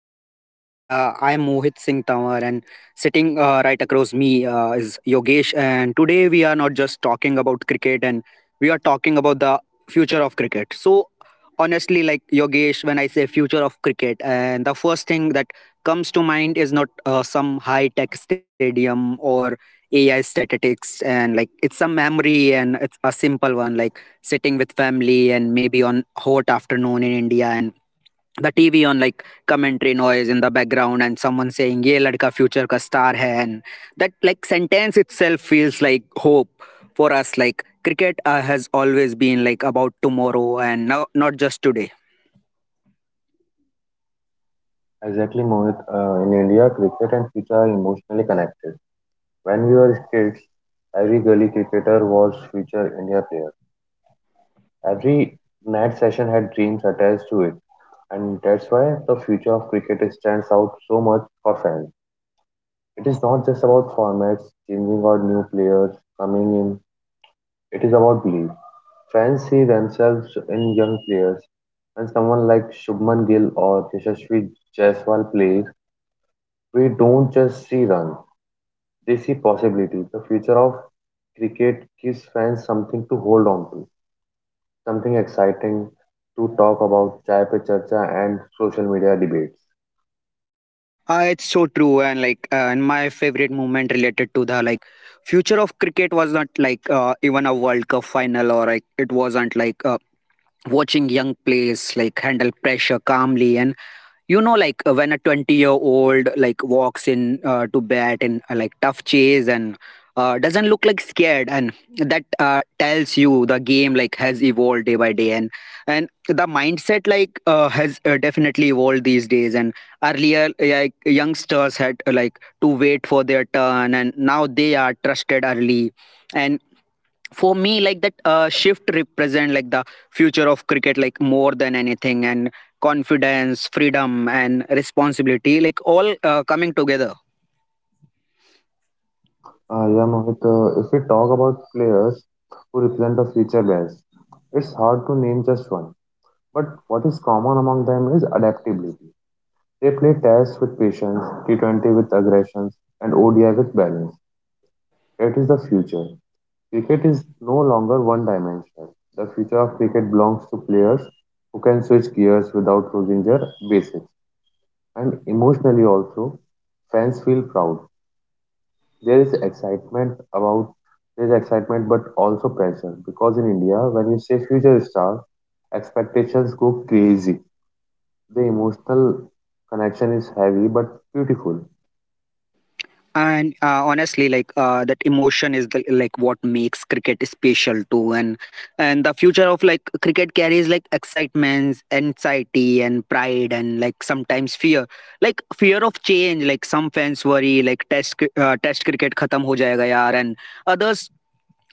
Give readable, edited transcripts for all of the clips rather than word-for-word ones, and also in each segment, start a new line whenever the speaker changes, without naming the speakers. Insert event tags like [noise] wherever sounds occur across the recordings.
to the podcast. I am Mohit Singh Tanwar, and sitting right across me is Yogesh. And today we are not just talking about cricket, and we are talking about the future of cricket. So, honestly, like Yogesh, when I say future of cricket, and the first thing that comes to mind is not some high tech stadium or AI statistics, and like it's a memory and it's a simple one, like sitting with family and maybe on hot afternoon in India and the TV on, like commentary noise in the background and someone saying ye ladka future ka star hai, and that like sentence itself feels like hope for us. Like cricket has always been like about tomorrow and no, not just today.
Exactly, Mohit. In India, cricket and future are emotionally connected. When we were kids, every gully cricketer was future India player. Every night session had dreams attached to it, and that's why the future of cricket stands out so much for fans. It is not just about formats changing or new players coming in. It is about belief. Fans see themselves in young players. When someone like Shubman Gill or Yashasvi Jaiswal plays, we don't just see runs. They see possibility. The future of cricket gives fans something to hold on to, something exciting to talk about, chai pe charcha and social media debates.
Uh, it's so true. And like and my favorite moment related to the like future of cricket was not like even a world cup final, or like it wasn't like watching young players like handle pressure calmly. And you know like when a 20-year-old like walks in to bat in like tough chase and doesn't look like scared, and that tells you the game like has evolved day by day. And the mindset like has definitely evolved these days. And earlier like youngsters had like to wait for their turn, and now they are trusted early. And for me like that shift represent like the future of cricket like more than anything, and confidence freedom and responsibility like all coming together.
Yeah, Mohit, if we talk about players who represent the future best, it's hard to name just one. But what is common among them is adaptability. They play tests with patience, T20 with aggressions, and ODI with balance. It is the future. Cricket is no longer one dimensional. The future of cricket belongs to players who can switch gears without losing their basics. And emotionally also, fans feel proud. There is excitement about there is excitement but also pressure because in India when you say future star, expectations go crazy. The emotional connection is heavy but beautiful.
And honestly like that emotion is the, like what makes cricket special too. And the future of like cricket carries like excitements anxiety and pride, and like sometimes fear, like fear of change. Like some fans worry like test cricket khatam ho jayega yaar, and others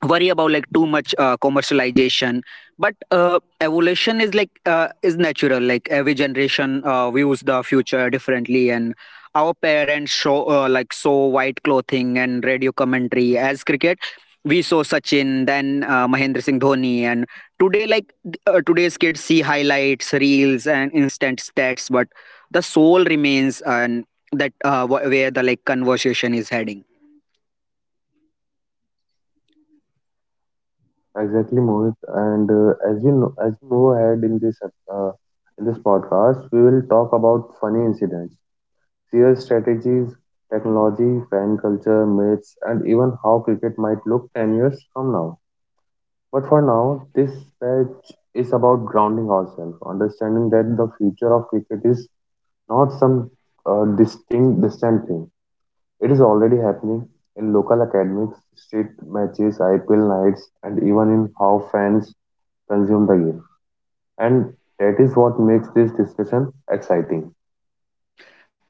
worry about like too much commercialization. But evolution is like is natural. Like every generation views the future differently. And our parents show like saw white clothing and radio commentary as cricket, we saw Sachin, then Mahendra Singh Dhoni, and today like today's kids see highlights reels and instant stats, but the soul remains. And that where the like conversation is heading.
Exactly, Mohit. And as you know, as you move ahead in this in this podcast, we will talk about funny incidents, serious strategies, technology, fan culture, myths, and even how cricket might look 10 years from now. But for now, this patch is about grounding ourselves, understanding that the future of cricket is not some distant thing. It is already happening in local academies, state matches, IPL nights, and even in how fans consume the game. And that is what makes this discussion exciting.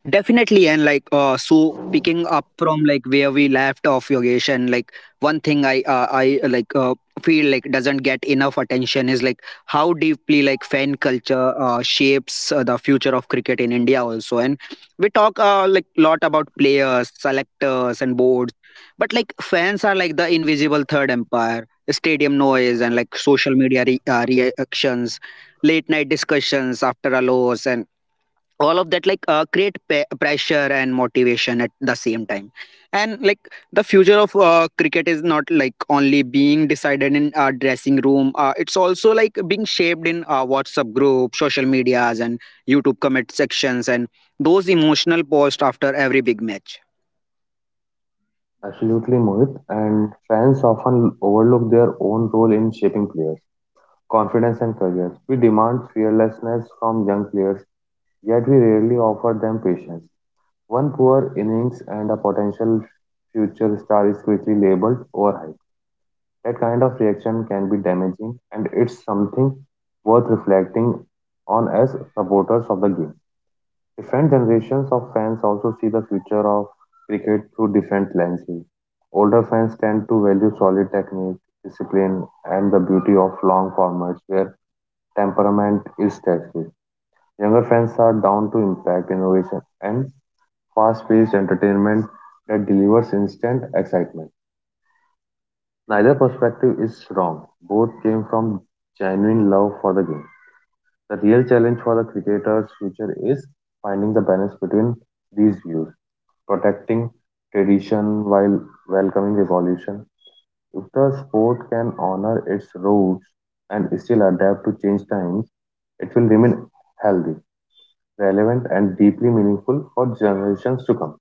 Definitely, and like so, picking up from like where we left off, Yogesh, and like one thing I like feel like doesn't get enough attention is like how deeply like fan culture shapes the future of cricket in India also. And we talk like lot about players, selectors, and boards, but like fans are like the invisible third empire, stadium noise, and like social media reactions, late night discussions after a loss, and all of that like create pressure and motivation at the same time. And like the future of cricket is not like only being decided in a dressing room, it's also like being shaped in WhatsApp group social medias and YouTube comment sections, and those emotional posts after every big match.
Absolutely, Mohit. And fans often overlook their own role in shaping players' confidence and careers. We demand fearlessness from young players, yet we rarely offer them patience. One poor innings and a potential future star is quickly labeled overhyped. That kind of reaction can be damaging, and it's something worth reflecting on as supporters of the game. Different generations of fans also see the future of cricket through different lenses. Older fans tend to value solid technique, discipline, and the beauty of long formats where temperament is tested. Younger fans are down to impact, innovation, and fast paced entertainment that delivers instant excitement. Neither perspective is wrong. Both came from genuine love for the game. The real challenge for the cricketer's future is finding the balance between these views, protecting tradition while welcoming revolution. If the sport can honor its roots and still adapt to change times, it will remain healthy, relevant, and deeply meaningful for generations to come.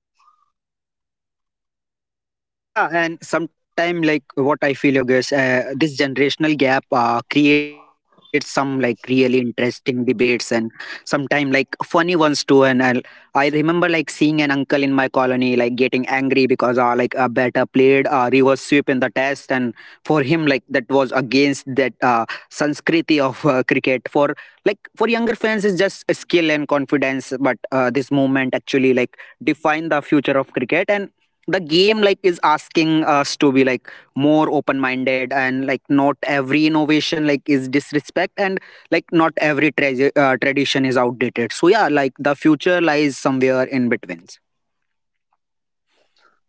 Yeah, and sometime like what I feel Yogesh, this generational gap creates some like really interesting debates, and sometime like funny ones too. And I remember like seeing an uncle in my colony like getting angry because like a batter played reverse sweep in the test, and for him like that was against that sanskriti of cricket. For like for younger fans it's just skill and confidence, but this movement actually like define the future of cricket. And the game like is asking us to be like more open minded, and like not every innovation like is disrespect, and like not every tradition is outdated. So yeah, like the future lies somewhere in between.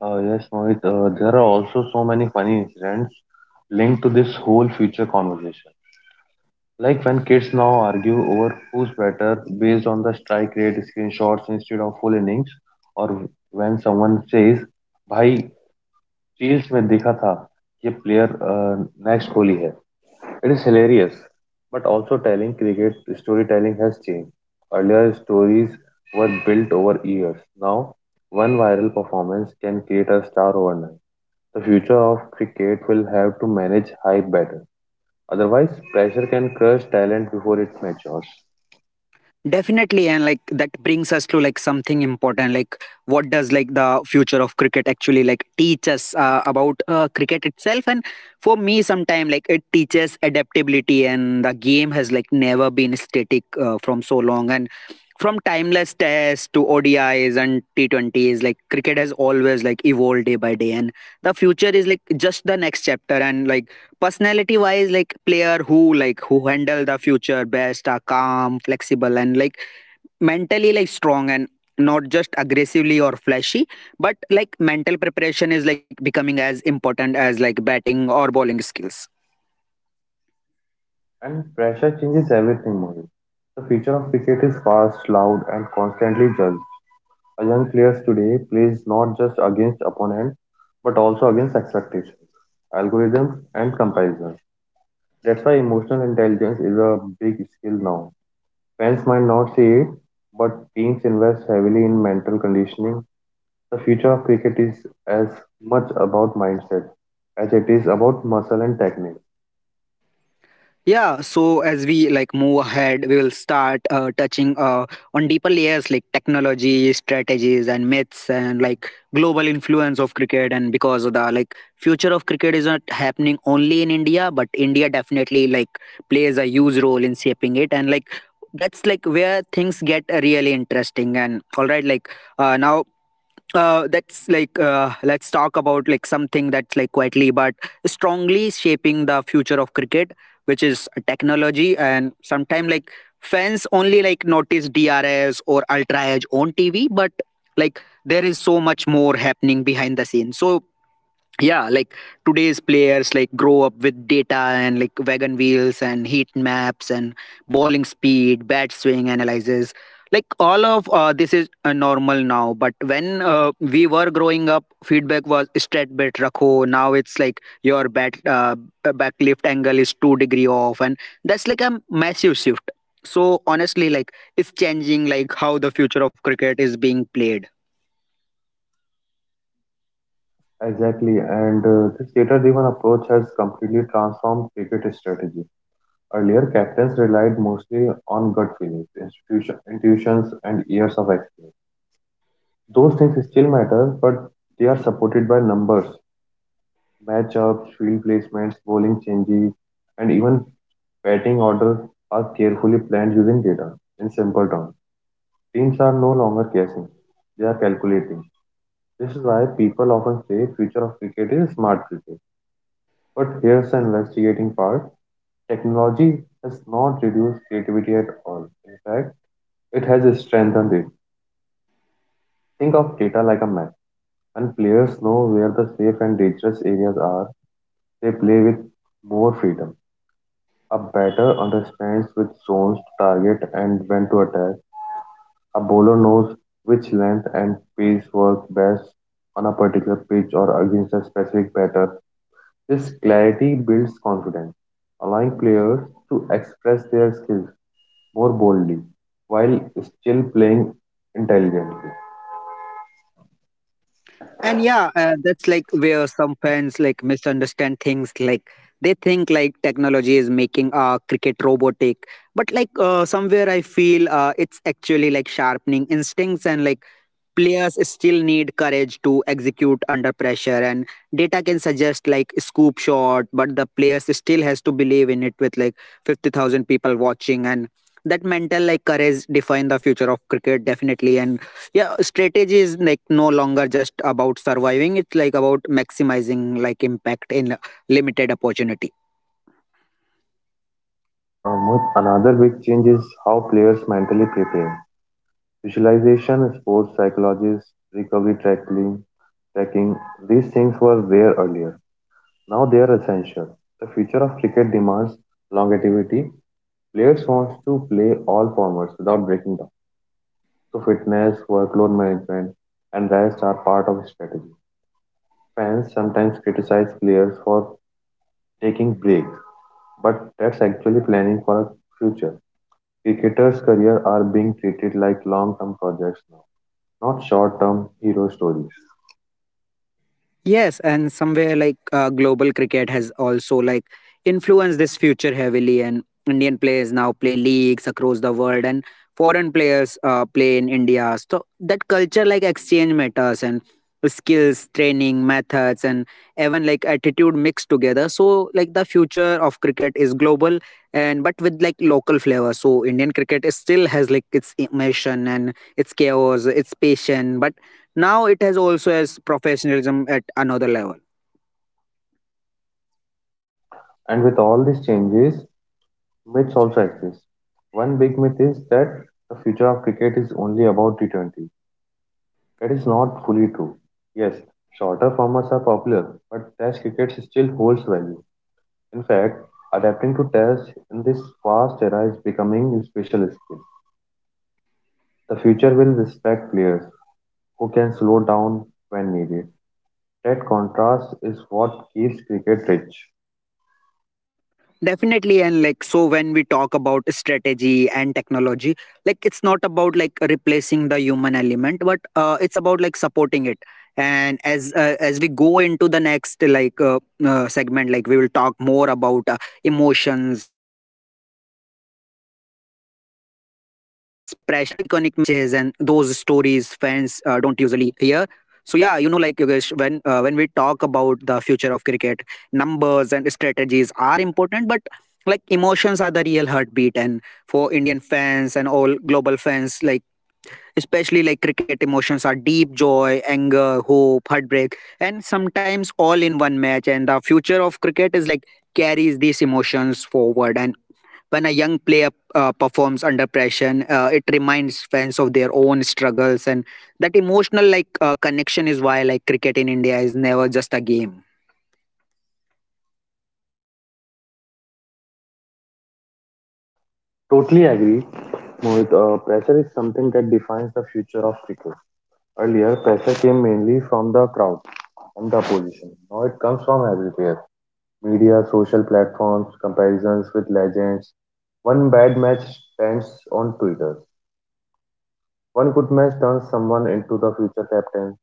Yes, Mohit, there are also so many funny incidents linked to this whole future conversation. Like when kids now argue over who's better based on the strike rate screenshots instead of full innings, or when someone says, "Bhai, reels में देखा था ये player next Kohli है." It is hilarious, but also telling cricket storytelling has changed. Earlier stories were built over years. Now, one viral performance can create a star overnight. The future of cricket will have to manage hype better. Otherwise, pressure can crush talent before it matures.
Definitely, and like that brings us to like something important. Like, what does like the future of cricket actually like teach us about cricket itself? And for me, sometime like it teaches adaptability, and the game has like never been static from so long. And from timeless tests to ODIs and T20s, like cricket has always like evolved day by day, and the future is like just the next chapter. And like personality wise like player who handle the future best are calm flexible and like mentally like strong, and not just aggressively or flashy, but like mental preparation is like becoming as important as like batting or bowling skills.
And pressure changes everything, Mohit. The future of cricket is fast, loud, and constantly judged. A young player today plays not just against opponent, but also against expectations, algorithms, and comparisons. That's why emotional intelligence is a big skill now. Fans might not see it, but teams invest heavily in mental conditioning. The future of cricket is as much about mindset as it is about muscle and technique.
Yeah, so as we like move ahead, we will start touching on deeper layers like technology, strategies, and myths, and like global influence of cricket. And because of the like future of cricket is not happening only in India, but India definitely like plays a huge role in shaping it. And like that's like where things get really interesting. And all right, like now that's like let's talk about like something that's like quietly but strongly shaping the future of cricket, which is a technology. And sometimes like fans only like notice DRS or ultra edge on TV, but like there is so much more happening behind the scenes. So yeah like today's players like grow up with data and like wagon wheels and heat maps and bowling speed bat swing analysis, like all of this is normal now. But when we were growing up feedback was straight bet rakho, now it's like your bat back lift angle is 2-degree off, and that's like a massive shift. So honestly like it's changing like how the future of cricket is being played.
Exactly, and this data-driven approach has completely transformed cricket strategy. Earlier, captains relied mostly on gut feelings, institution, intuitions, and years of experience. Those things still matter, but they are supported by numbers, matchups, field placements, bowling changes, and even batting order are carefully planned using data. In simple terms, teams are no longer guessing; they are calculating. This is why people often say future of cricket is smart cricket. But here's the investigating part, technology has not reduced creativity at all. In fact, it has strengthened it. Think of data like a map. When players know where the safe and dangerous areas are, they play with more freedom. A batter understands which zones to target and when to attack. A bowler knows which length and pace work best on a particular pitch or against a specific batter. This clarity builds confidence, allowing players to express their skills more boldly, while still playing intelligently.
And yeah, that's like where some fans like misunderstand things. Like they think like technology is making cricket robotic, but like somewhere I feel it's actually like sharpening instincts. And like players still need courage to execute under pressure, and data can suggest like scoop shot, but the players still has to believe in it with like 50,000 people watching. And that mental like courage define the future of cricket definitely. And yeah strategy is like no longer just about surviving, it's like about maximizing like impact in limited opportunity.
Ahmed, another big change is how players mentally prepare. Visualization, sports psychologists, recovery tracking, tracking, these things were there earlier. Now they are essential. The future of cricket demands longevity. Players want to play all formats without breaking down. So fitness, workload management, and rest are part of strategy. Fans sometimes criticize players for taking breaks, but that's actually planning for a future. Cricketers' careers are being treated like long-term projects now, not short-term hero stories.
Yes, and somewhere like global cricket has also like influenced this future heavily, and Indian players now play leagues across the world, and foreign players play in India. So that culture like exchange matters, and skills, training methods, and even like attitude mixed together. So like the future of cricket is global, and but with like local flavor. So Indian cricket is still has like its emotion and its chaos, its passion, but now it has also as professionalism at another level.
And with all these changes, myths also exist. One big myth is that the future of cricket is only about T20. That is not fully true. Yes, shorter formats are popular, but Test cricket still holds value. In fact, adapting to Test in this fast era is becoming a special skill. The future will respect players who can slow down when needed. That contrast is what keeps cricket rich.
Definitely. And like, so when we talk about strategy and technology, like, it's not about like replacing the human element, but it's about like supporting it. And as we go into the next like segment, like we will talk more about emotions, pressures, movements, and like in iconic matches and those stories fans don't usually hear. So yeah, you know, like Yogesh, when we talk about the future of cricket, numbers and strategies are important, but like emotions are the real heartbeat. And for Indian fans and all global fans like especially like cricket emotions are deep joy anger hope heartbreak, and sometimes all in one match. And the future of cricket is like carries these emotions forward. And when a young player performs under pressure, it reminds fans of their own struggles. And that emotional like connection is why like cricket in India is never just a game.
Totally agree, Mohit. Pressure is something that defines the future of cricket. Earlier, pressure came mainly from the crowd and the opposition. Now it comes from everywhere, media, social platforms, comparisons with legends. One bad match stands on Twitter. One good match turns someone into the future captain.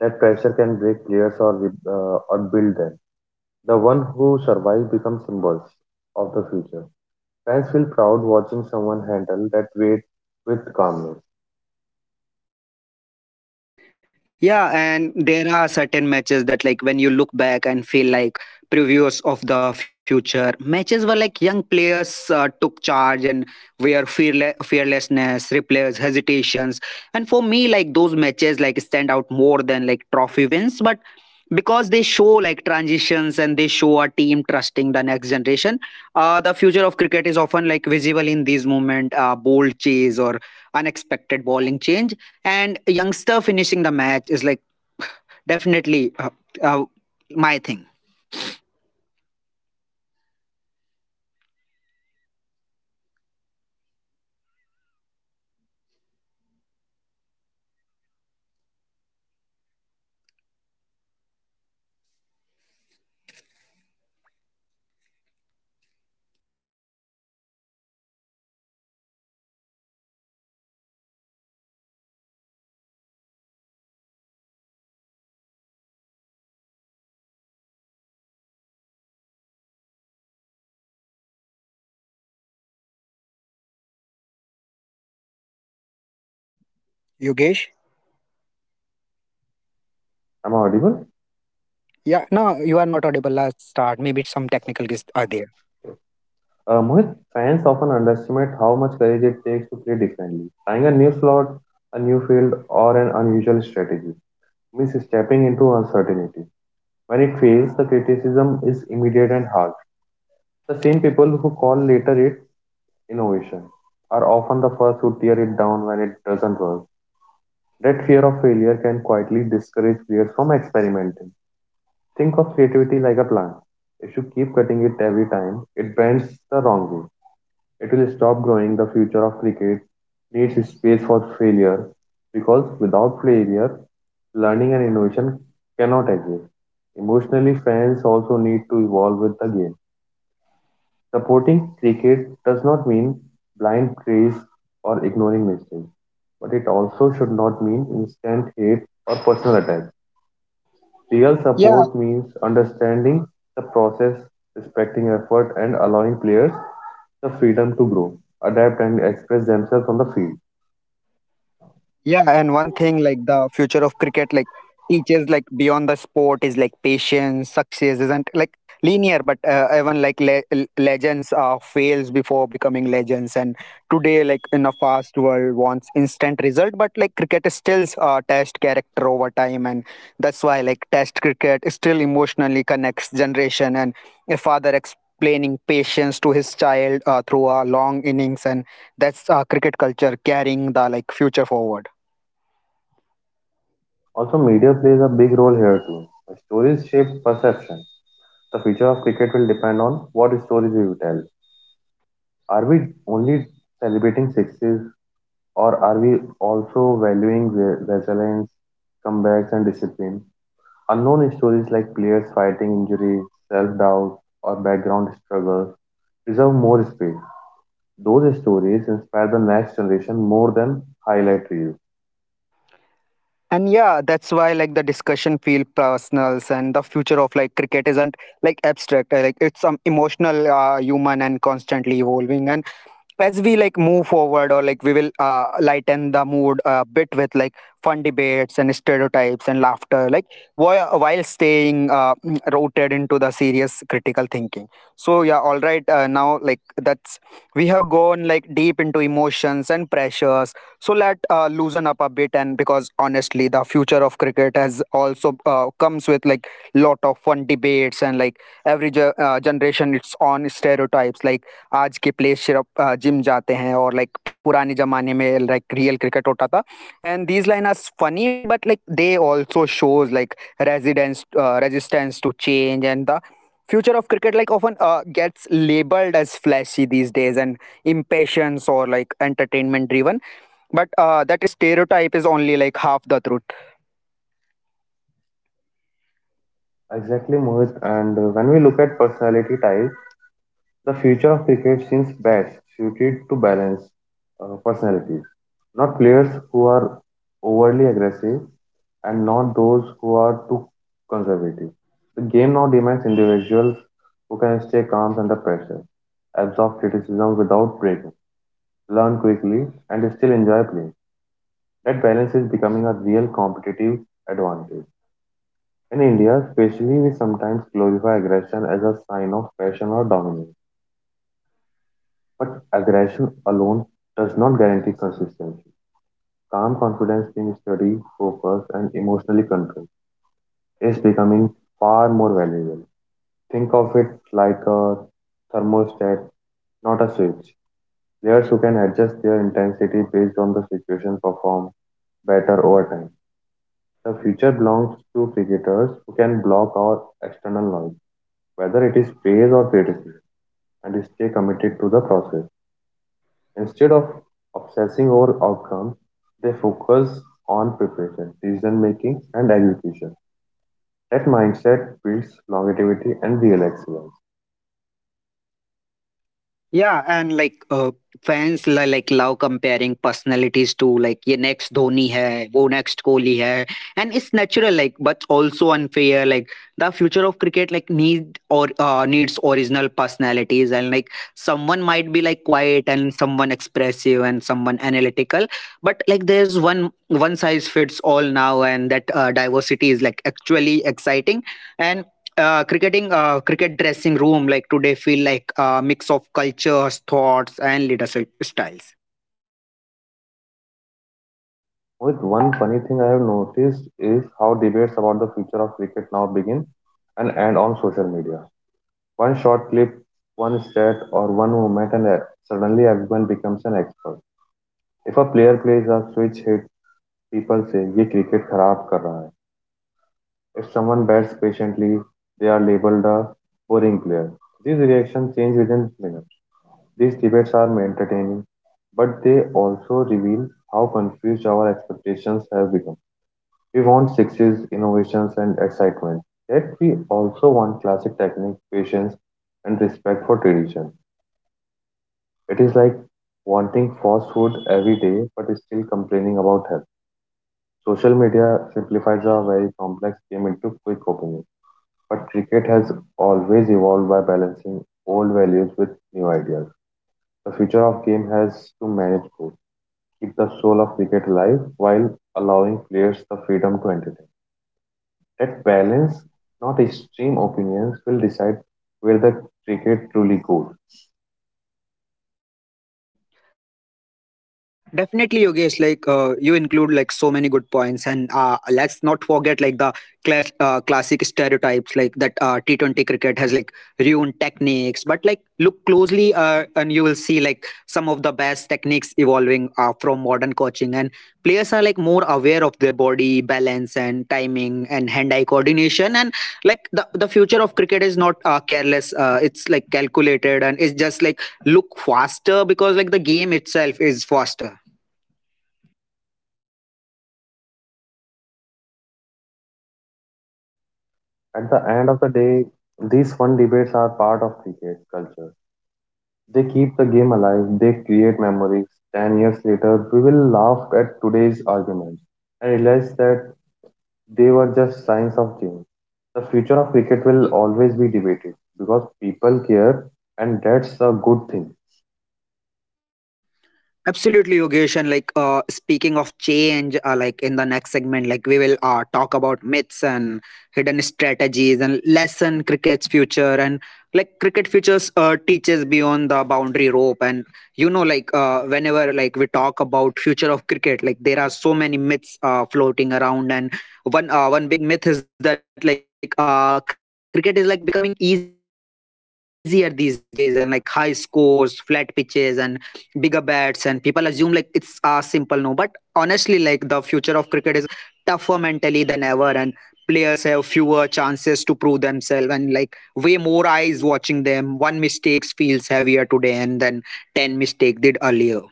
That pressure can break players or build them. The one who survive become symbols of the future. Fans feel proud watching someone handle that weight with calmness.
Yeah, and there are certain matches that, like, when you look back and feel like previews of the future, matches where like young players took charge and were fearlessness, replays, hesitations. And for me, like, those matches, like, stand out more than like trophy wins, but because they show like transitions and they show a team trusting the next generation. The future of cricket is often like visible in these moment, bold chase or unexpected bowling change, and a youngster finishing the match is like definitely uh, my thing Yogesh?
Am I audible?
Yeah, no, you are not audible. Let start. Maybe some technical issues are there.
Mohit, fans often underestimate how much courage it takes to play differently. Trying a new slot, a new field, or an unusual strategy means stepping into uncertainty. When it fails, the criticism is immediate and harsh. The same people who call later it innovation are often the first who tear it down when it doesn't work. That fear of failure can quietly discourage players from experimenting. Think of creativity like a plant. If you keep cutting it every time, it bends the wrong way. It will stop growing. The future of cricket needs space for failure because without failure, learning and innovation cannot exist. Emotionally, fans also need to evolve with the game. Supporting cricket does not mean blind praise or ignoring mistakes, but it also should not mean instant hate or personal attack. Real
Yeah,
support means understanding the process, respecting effort, and allowing players the freedom to grow, adapt, and express themselves on the field.
Yeah, and one thing like the future of cricket, like teaches like beyond the sport is like patience. Success isn't like linear, but even like legends fails before becoming legends. And today like in a fast world wants instant result, but like cricket is still test character over time, and that's why like test cricket still emotionally connects generation, and a father explaining patience to his child through a long innings, and that's cricket culture carrying the like future forward.
Also, media plays a big role here too. Stories shape perception. The future of cricket will depend on what stories we will tell. Are we only celebrating sixes, or are we also valuing resilience, comebacks, and discipline? Unknown stories like players fighting injuries, self doubt, or background struggles preserve more space. Those stories inspire the next generation more than highlight reels.
And yeah, that's why like the discussion feel personals, and the future of like cricket isn't like abstract, like it's emotional, human and constantly evolving. And as we like move forward, or like we will lighten the mood a bit with like fun debates and stereotypes and laughter, like while staying rooted into the serious critical thinking. So yeah, all right, now like that's we have gone like deep into emotions and pressures, so let loosen up a bit, and because honestly the future of cricket has also comes with like lot of fun debates, and like every generation it's on stereotypes like आज के players सिर्फ अ, gym जाते हैं और like पुराने ज़माने में like real cricket होता था and these line are funny but like they also shows like residence resistance to change and the future of cricket like often gets labeled as flashy these days and impatience or like entertainment driven, but that stereotype is only like half the truth.
Exactly, Mohit. And when we look at personality types, the future of cricket seems best suited to balance personalities. Not players who are overly aggressive and not those who are too conservative. The game now demands individuals who can stay calm under pressure, absorb criticism without breaking, learn quickly, and still enjoy playing. That balance is becoming a real competitive advantage. In India, especially, we sometimes glorify aggression as a sign of passion or dominance. But aggression alone does not guarantee consistency. Calm confidence, being steady, focused, and emotionally controlled is becoming far more valuable. Think of it like a thermostat, not a switch. Players who can adjust their intensity based on the situation perform better over time. The future belongs to cricketers who can block out external noise, whether it is praise or criticism, and stay committed to the process. Instead of obsessing over outcomes, they focus on preparation, decision making, and execution. That mindset builds longevity and real excellence.
Yeah, and like fans like love comparing personalities to like ये next Dhoni है, वो next Kohli है, and it's natural like but also unfair. Like the future of cricket like need or needs original personalities, and like someone might be like quiet and someone expressive and someone analytical, but like there's one size fits all now, and that diversity is like actually exciting. And cricket dressing room like today feel like a mix of cultures thoughts and leadership styles.
With one funny thing I have noticed is how debates about the future of cricket now begin and end on social media. One short clip, one stat, or one moment, and suddenly everyone becomes an expert. If a player plays a switch hit, people say ये cricket खराब कर रहा है. If someone bats patiently, they are labeled a boring player. These reactions change within minutes. These debates are entertaining, but they also reveal how confused our expectations have become. We want sixes, innovations, and excitement. Yet we also want classic technique, patience, and respect for tradition. It is like wanting fast food every day but still complaining about health. Social media simplifies a very complex game into quick opinions, but cricket has always evolved by balancing old values with new ideas. The future of game has to manage both, keep the soul of cricket alive while allowing players the freedom to entertain. That balance, not extreme opinions, will decide where the cricket truly goes.
Definitely, Yogesh. Like you include like so many good points, and let's not forget like the classic stereotypes like that T20 cricket has like ruined techniques. But like look closely, and you will see like some of the best techniques evolving from modern coaching, and players are like more aware of their body balance and timing and hand-eye coordination, and like the future of cricket is not careless. It's like calculated, and it's just like look faster because like the game itself is faster.
At the end of the day, these fun debates are part of cricket culture. They keep the game alive, they create memories. 10 years later, we will laugh at today's arguments and realize that they were just signs of change. The future of cricket will always be debated because people care, and that's a good thing.
Absolutely, Yogesh. And like speaking of change, like in the next segment, like we will talk about myths and hidden strategies and lesson cricket's future, and like cricket futures teaches beyond the boundary rope. And you know, like whenever like we talk about future of cricket, like there are so many myths floating around. And one big myth is that like cricket is like becoming easier these days and like high scores, flat pitches, and bigger bats. And people assume like it's simple, no, but honestly like the future of cricket is tougher mentally than ever, and players have fewer chances to prove themselves, and like way more eyes watching them. One mistake feels heavier today and than 10 mistake did earlier.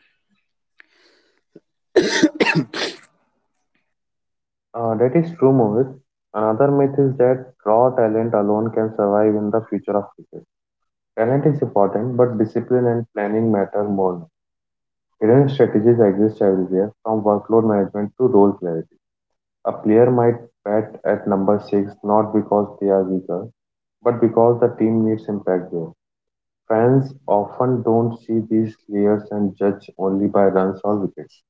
That is true, Mohit. Another myth is that raw talent alone can survive in the future of cricket. Talent is important, but discipline and planning matter more now. Hidden strategies exist everywhere, from workload management to role play. A player might bat at number six not because they are weaker, but because the team needs impact there. Fans often don't see these players and judge only by runs or wickets.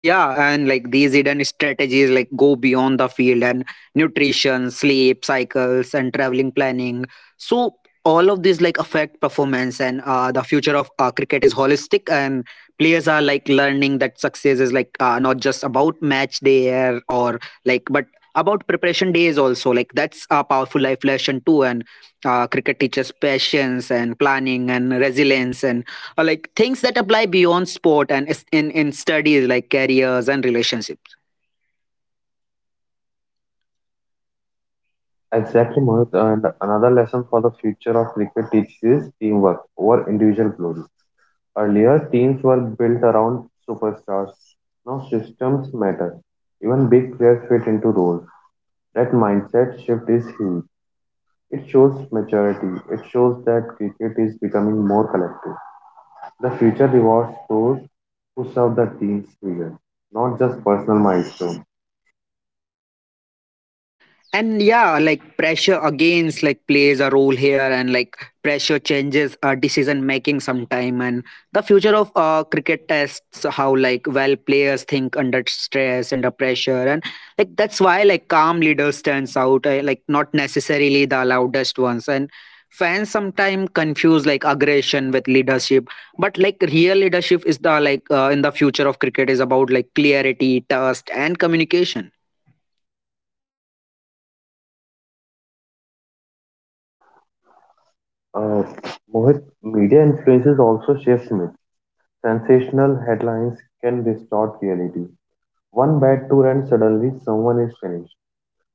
Yeah, and like these hidden strategies like go beyond the field and nutrition, sleep cycles, and traveling planning. So all of these like affect performance, and the future of cricket is holistic, and players are like learning that success is like not just about match day air or like, but about preparation days also. Like that's a powerful life lesson too, and cricket teaches patience and planning and resilience, and like things that apply beyond sport and in studies like careers and relationships.
Exactly, Mohit. And another lesson for the future of cricket teaches is teamwork over individual glory. Earlier, teams were built around superstars. Now, systems matter. Even big players fit into roles. That mindset shift is huge. It shows maturity. It shows that cricket is becoming more collective. The future rewards those who serve the team's spirit, not just personal milestones.
And yeah, like pressure against like plays a role here, and like pressure changes decision making sometime, and the future of cricket tests how like well players think under stress under pressure, and like that's why like calm leaders stands out, like not necessarily the loudest ones. And fans sometimes confuse like aggression with leadership, but like real leadership is the like in the future of cricket is about like clarity trust and communication.
Uh, Mohit, media influences also shapes myths. Sensational headlines can distort reality. One bad tour and suddenly someone is finished.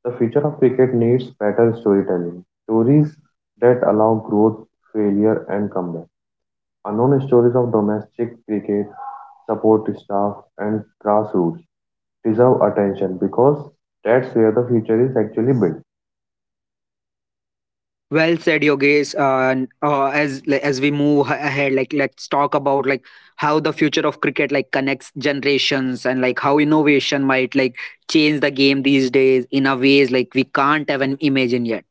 The future of cricket needs better storytelling. Stories that allow growth, failure, and comeback. Unknown stories of domestic cricket, support staff, and grassroots deserve attention because that's where the future is actually built.
Well said, Yogesh. As like, as we move ahead, like let's talk about like how the future of cricket like connects generations, and like how innovation might like change the game these days in a ways like we can't even imagine yet.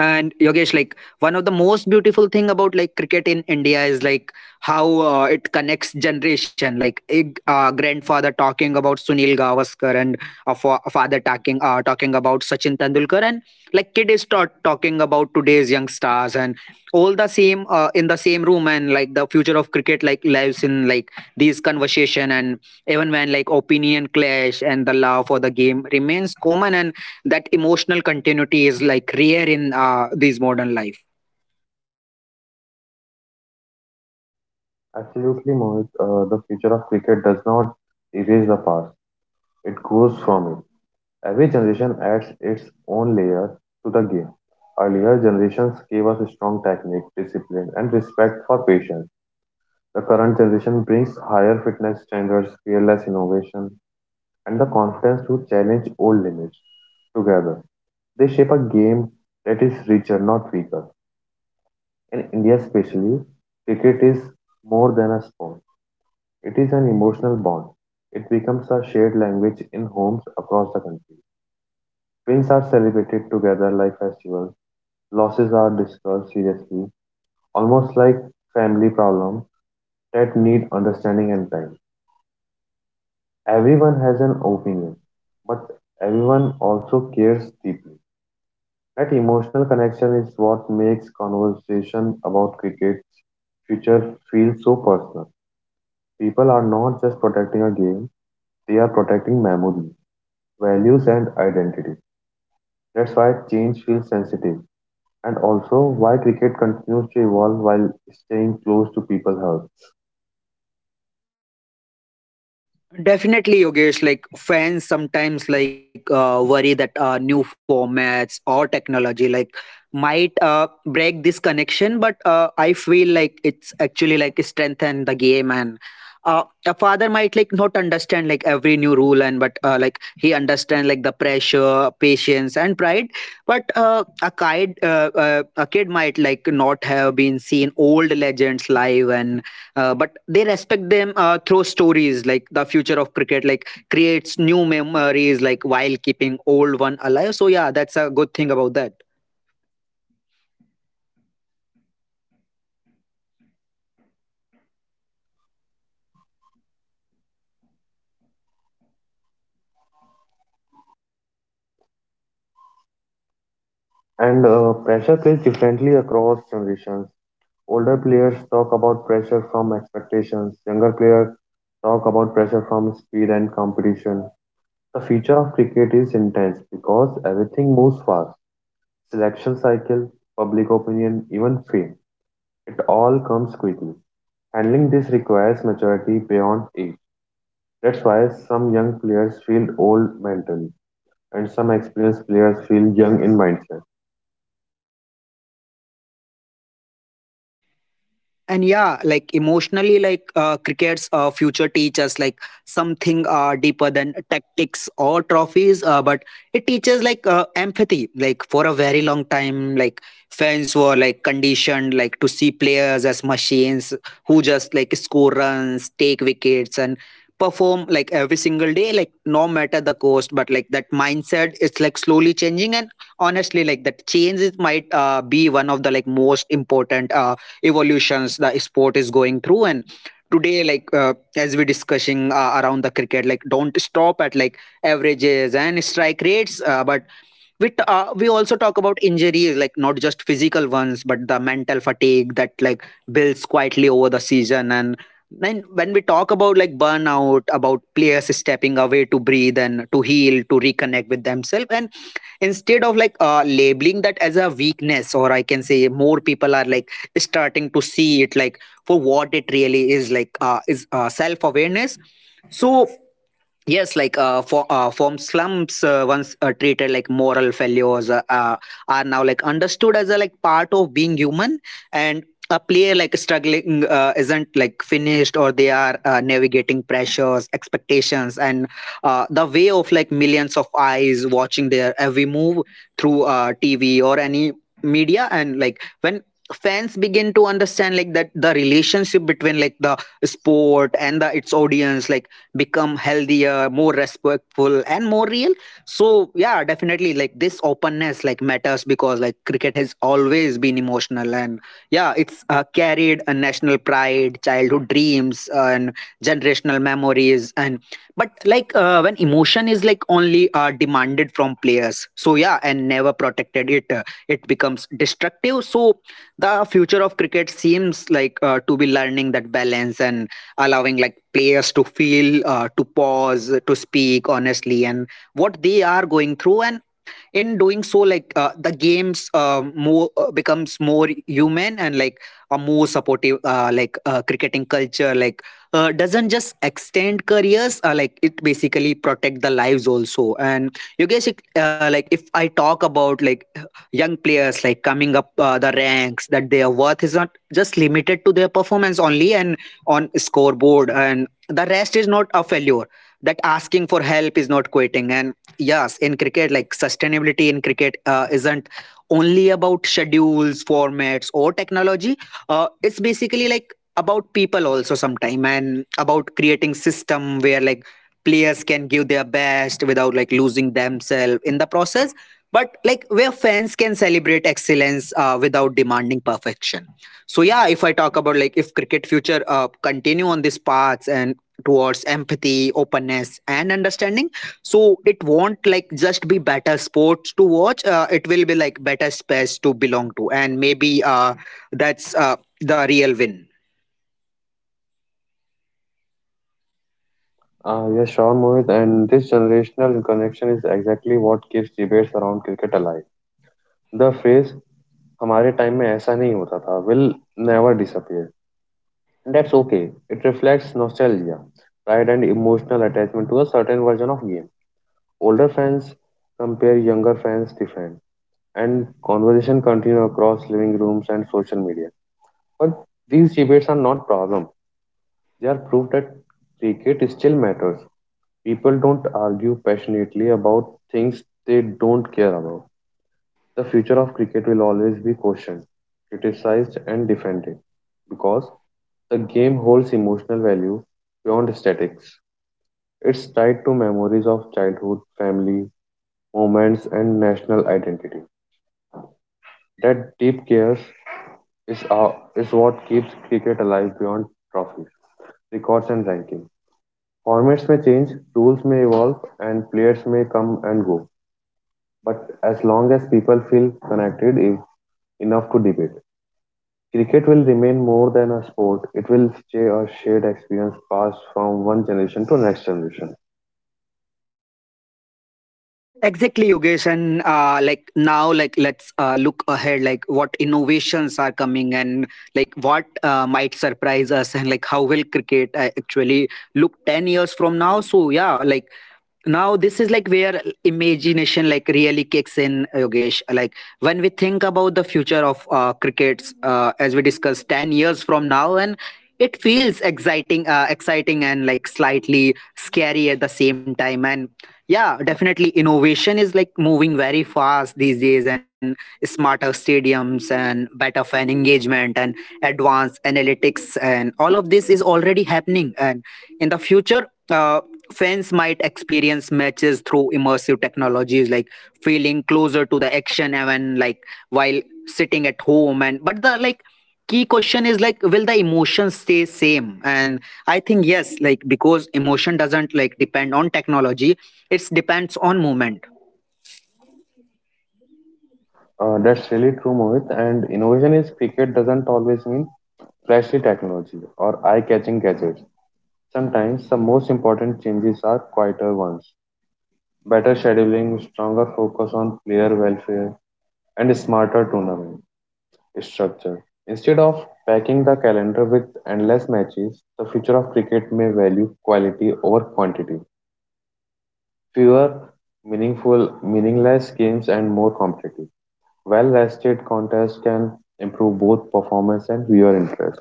And Yogesh, like one of the most beautiful thing about like cricket in India is like how it connects generation. Like a grandfather talking about Sunil Gavaskar, and a a father talking about Sachin Tendulkar, and like kid is talking about today's young stars, and all the same in the same room. And like the future of cricket like lives in like these conversation, and even when like opinion clash, and the love for the game remains common, and that emotional continuity is like rare in these modern life.
Absolutely, Mohit, the future of cricket does not erase the past, it grows from it. Every generation adds its own layer to the game. Earlier generations gave us strong technique, discipline, and respect for patience. The current generation brings higher fitness standards, fearless innovation, and the confidence to challenge old limits together. They shape a game that is richer, not weaker. In India, especially, cricket is more than a sport, it is an emotional bond. It becomes a shared language in homes across the country. Wins are celebrated together like festivals, losses are discussed seriously, almost like family problems that need understanding and time. Everyone has an opinion, but everyone also cares deeply. That emotional connection is what makes conversation about cricket's future feel so personal. People are not just protecting a game, they are protecting memory, values, and identity. That's why change feels sensitive, and also why cricket continues to evolve while staying close to people's hearts.
Definitely, Yogesh. Like fans sometimes like worry that new formats or technology like might break this connection, but I feel like it's actually like strengthen the game and. A father might like not understand like every new rule, and but like he understand like the pressure patience and pride, but a kid might like not have been seen old legends live, and but they respect them through stories. Like the future of cricket like creates new memories like while keeping old one alive, so yeah that's a good thing about that.
And pressure plays differently across generations. Older players talk about pressure from expectations, younger players talk about pressure from speed and competition. The future of cricket is intense because everything moves fast. Selection cycle, public opinion, even fame. It all comes quickly. Handling this requires maturity beyond age. That's why some young players feel old mentally and some experienced players feel young in mindset.
And yeah, like emotionally, like cricket's future teaches like something deeper than tactics or trophies, but it teaches like empathy. Like for a very long time, like fans were like conditioned like to see players as machines who just like score runs, take wickets, and perform like every single day, like no matter the cost. But like that mindset is like slowly changing, and honestly, like that change is might be one of the like most important. Evolutions the sport is going through, and today like as we discussing around the cricket like don't stop at like averages and strike rates, but we also talk about injuries like not just physical ones but the mental fatigue that like builds quietly over the season, and then when we talk about like burnout about players stepping away to breathe and to heal to reconnect with themselves, and instead of like labeling that as a weakness or I can say more people are like starting to see it like for what it really is, like is self awareness. So yes, like for form slums once treated like moral failures, are now like understood as a like part of being human. And a player like struggling isn't like finished, or they are navigating pressures expectations, and the way of like millions of eyes watching their every move through TV or any media. And like when fans begin to understand like that the relationship between like the sport and the its audience like become healthier, more respectful and more real. So yeah definitely like this openness like matters because like cricket has always been emotional, and yeah it's carried a national pride childhood dreams and generational memories. And but like when emotion is like only demanded from players, so yeah and never protected it, it becomes destructive. So the future of cricket seems like to be learning that balance, and allowing like players to feel to pause to speak honestly and what they are going through. And in doing so, like the games more becomes more human, and like a more supportive, cricketing culture like doesn't just extend careers, like it basically protect the lives also. And you guys it, like if I talk about like young players like coming up the ranks, that their worth is not just limited to their performance only and on scoreboard, and the rest is not a failure, that asking for help is not quitting. And yes, in cricket, like sustainability in cricket isn't only about schedules, formats, or technology. It's basically like about people also sometime, and about creating system where like players can give their best without like losing themselves in the process. But like where fans can celebrate excellence without demanding perfection. So yeah, if I talk about like if cricket future continue on this path, and towards empathy, openness, and understanding, so it won't like just be better sports to watch, it will be like better space to belong to, and maybe that's the real win.
Yes, sure, Mohit, and this generational connection is exactly what keeps debates around cricket alive. The phrase हमारे time में ऐसा नहीं होता था will never disappear. And that's okay. It reflects nostalgia, pride, and emotional attachment to a certain version of game. Older fans compare younger fans different, and conversation continue across living rooms and social media. But these debates are not problem. They are proof that cricket still matters. People don't argue passionately about things they don't care about. The future of cricket will always be questioned, criticized, and defended because the game holds emotional value beyond aesthetics; it's tied to memories of childhood, family moments, and national identity. That deep care is, uh, is what keeps cricket alive beyond trophies, records, and ranking. Formats may change, rules may evolve, and players may come and go. But as long as people feel connected if, enough to debate, cricket will remain more than a sport. It will stay a shared experience passed from one generation to next generation.
Exactly, Yogesh. And like now, like let's look ahead, like what innovations are coming, and like what might surprise us, and like how will cricket actually look 10 years from now. So, yeah, now this is where imagination really kicks in, Yogesh. When we think about the future of crickets as we discussed 10 years from now, and it feels exciting, exciting and slightly scary at the same time. And yeah, definitely innovation is moving very fast these days, and smarter stadiums and better fan engagement and advanced analytics, and all of this is already happening. And in the future, fans might experience matches through immersive technologies, feeling closer to the action, even while sitting at home. And but the like key question is, will the emotion stay same? And I think yes, because emotion doesn't depend on technology, it's depends on movement.
That's really true, Mohit. And innovation is cricket doesn't always mean flashy technology or eye-catching gadgets. Sometimes the most important changes are quieter ones. Better scheduling, stronger focus on player welfare, and smarter tournament structure. Instead of packing the calendar with endless matches, the future of cricket may value quality over quantity. Fewer meaningful, meaningless games and more competitive. Well-rested contest can improve both performance and viewer interest.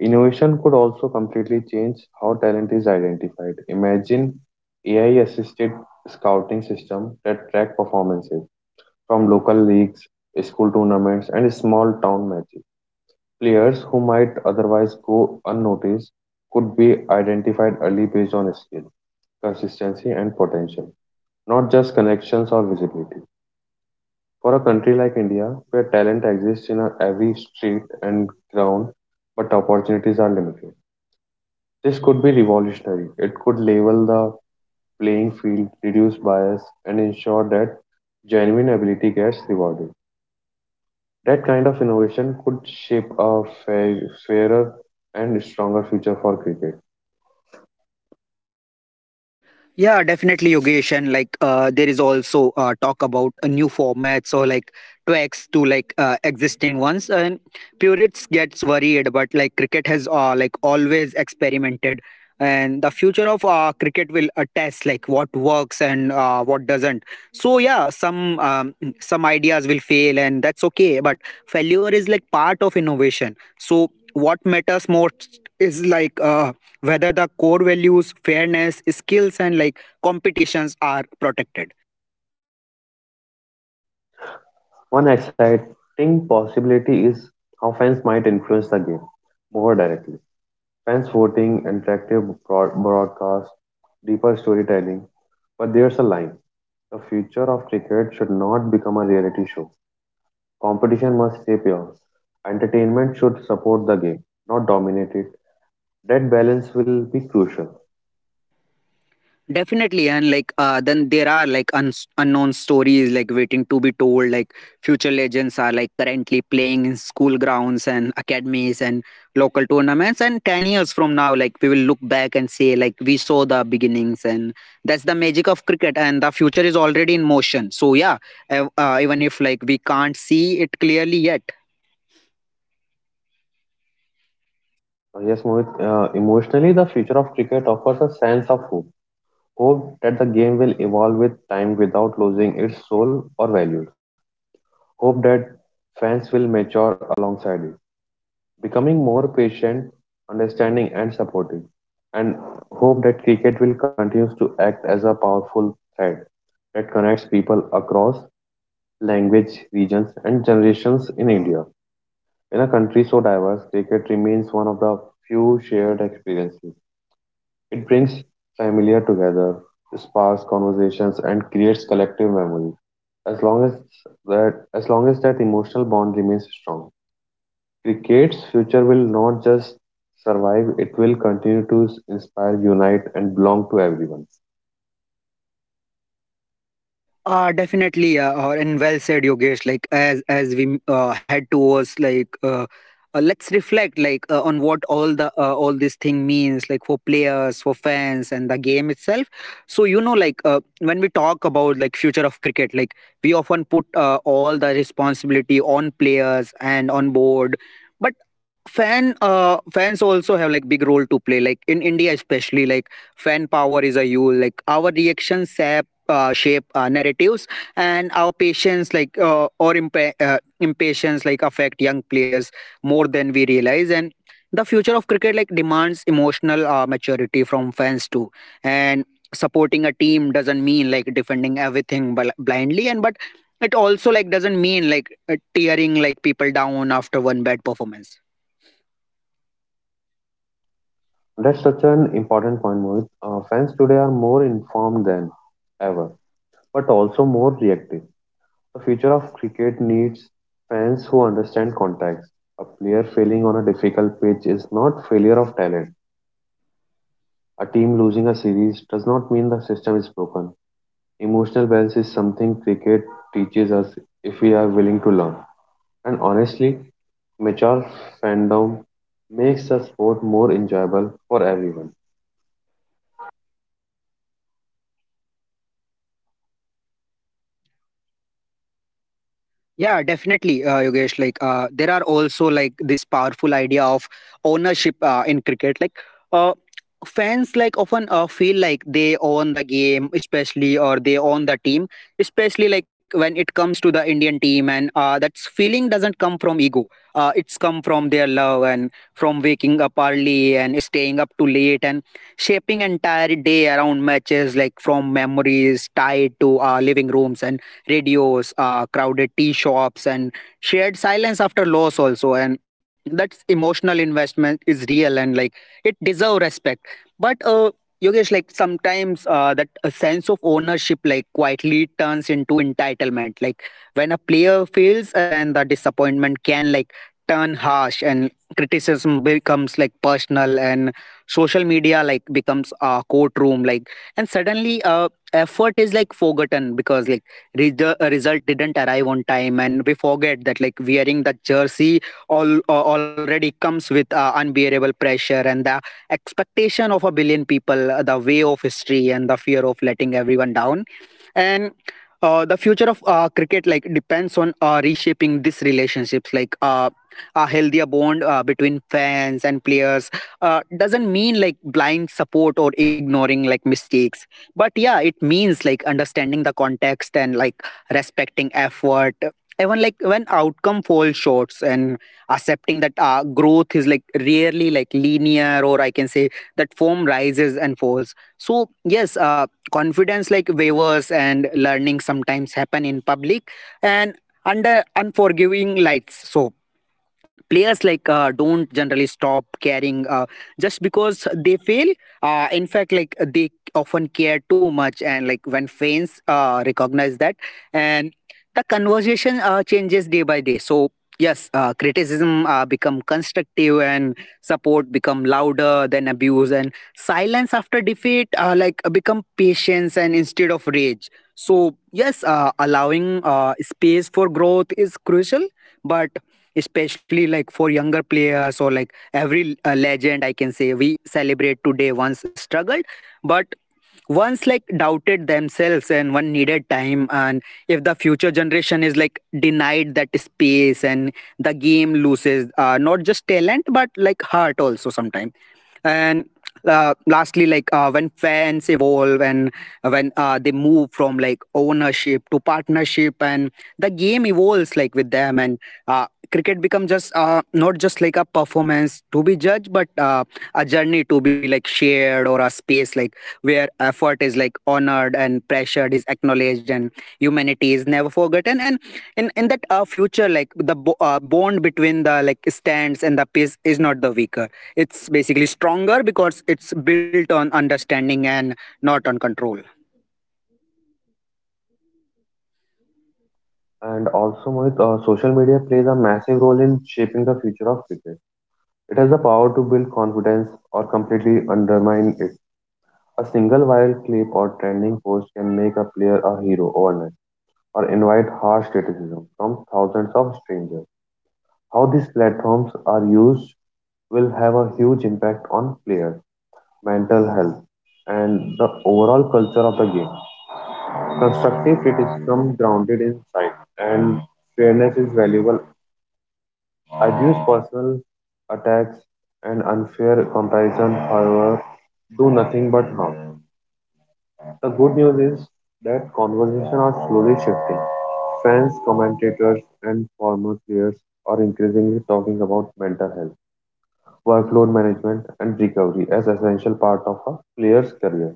Innovation could also completely change how talent is identified. Imagine AI-assisted scouting system that track performances from local leagues, school tournaments, and small town matches. Players who might otherwise go unnoticed could be identified early based on skill, consistency, and potential, not just connections or visibility. For a country like India, where talent exists in every street and ground, but opportunities are limited, this could be revolutionary. It could level the playing field, reduce bias, and ensure that genuine ability gets rewarded. That kind of innovation could shape a fair, fairer and stronger future for cricket.
Yeah, definitely, Yogesh. And there is also talk about new formats or tweaks to existing ones. And purists gets worried, but cricket has always experimented, and the future of cricket will test what works and what doesn't. So yeah, some ideas will fail, and that's okay. But failure is part of innovation. So what matters most is whether the core values, fairness, skills and competitions, are protected.
One exciting possibility is how fans might influence the game more directly. Fans voting, interactive broadcast, deeper storytelling. But there's a line. The future of cricket should not become a reality show. Competition must stay pure. Entertainment should support the game, not dominate it. That balance will be crucial.
Definitely. And then there are like uns unknown stories waiting to be told. Future legends are currently playing in school grounds and academies and local tournaments, and 10 years from now we will look back and say, we saw the beginnings. And that's the magic of cricket, and the future is already in motion. So yeah, even if we can't see it clearly yet.
Yes, Mohit, emotionally, the future of cricket offers a sense of hope. Hope that the game will evolve with time without losing its soul or values. Hope that fans will mature alongside it, becoming more patient, understanding, and supportive, and hope that cricket will continue to act as a powerful thread that connects people across language, regions, and generations in India. In a country so diverse, cricket remains one of the few shared experiences. It brings familiar together, sparks conversations, and creates collective memories. As long as as long as that emotional bond remains strong, cricket's future will not just survive, it will continue to inspire, unite, and belong to everyone.
Definitely, yeah, and well said, Yogesh. Like as we head towards let's reflect on what all the all this thing means for players, for fans, and the game itself. So you know, when we talk about future of cricket, we often put all the responsibility on players and on board, but fans also have big role to play, in India especially. Fan power is a huge, our reactions shape narratives, and our patience or impatience affect young players more than we realize. And the future of cricket demands emotional maturity from fans too. And supporting a team doesn't mean defending everything blindly, and but it also doesn't mean tearing people down after one bad performance.
That's such an important point, Mohit. Fans today are more informed than ever, but also more reactive. The future of cricket needs fans who understand context. A player failing on a difficult pitch is not failure of talent. A team losing a series does not mean the system is broken. Emotional balance is something cricket teaches us if we are willing to learn. And honestly, mature fandom makes the sport more enjoyable for everyone.
Yeah, definitely, Yogesh. There are also this powerful idea of ownership in cricket. Uh, Fans often feel like they own the game, especially, or they own the team, especially when it comes to the Indian team. And that feeling doesn't come from ego. It's come from their love, and from waking up early and staying up too late and shaping entire day around matches, from memories tied to living rooms and radios, crowded tea shops, and shared silence after loss also. And that emotional investment is real, and it deserves respect. But Yogesh, sometimes that a sense of ownership quietly turns into entitlement. When a player fails, and the disappointment can turn harsh, and criticism becomes personal, and social media becomes a courtroom. And suddenly effort is forgotten, because the result didn't arrive on time, and we forget that wearing the jersey all already comes with unbearable pressure, and the expectation of a billion people, the way of history, and the fear of letting everyone down. And the future of cricket depends on reshaping these relationships. A healthier bond between fans and players doesn't mean blind support or ignoring mistakes, but yeah it means understanding the context, and respecting effort even when outcome falls shorts, and accepting that growth is rarely linear. Or I can say that form rises and falls, so yes confidence waivers and learning sometimes happen in public and under unforgiving lights. So players don't generally stop caring just because they fail. In fact they often care too much, and when fans recognize that, and the conversation changes day by day. So yes, criticism become constructive, and support become louder than abuse, and silence after defeat become patience, and instead of rage. So yes, allowing space for growth is crucial, but especially for younger players. Or every legend I can say we celebrate today once struggled, but once doubted themselves and one needed time. And if the future generation is denied that space, and the game loses not just talent but heart also sometimes. And lastly, when fans evolve, and when they move from ownership to partnership, and the game evolves with them. And uh, cricket becomes just not just a performance to be judged, but a journey to be shared, or a space where effort is honored, and pressure is acknowledged, and humanity is never forgotten. And in that future, the bond between the stands and the pitch is not the weaker, it's basically stronger, because it's built on understanding, and not on control.
And also, Mohit, social media plays a massive role in shaping the future of cricket. It has the power to build confidence or completely undermine it. A single viral clip or trending post can make a player a hero overnight or invite harsh criticism from thousands of strangers. How these platforms are used will have a huge impact on players mental health, and the overall culture of the game. Constructive criticism grounded in insight and fairness is valuable. Abuse, personal attacks, and unfair comparison, however, do nothing but harm. The good news is that conversations are slowly shifting. Fans, commentators, and former players are increasingly talking about mental health, workload management, and recovery as essential part of a player's career.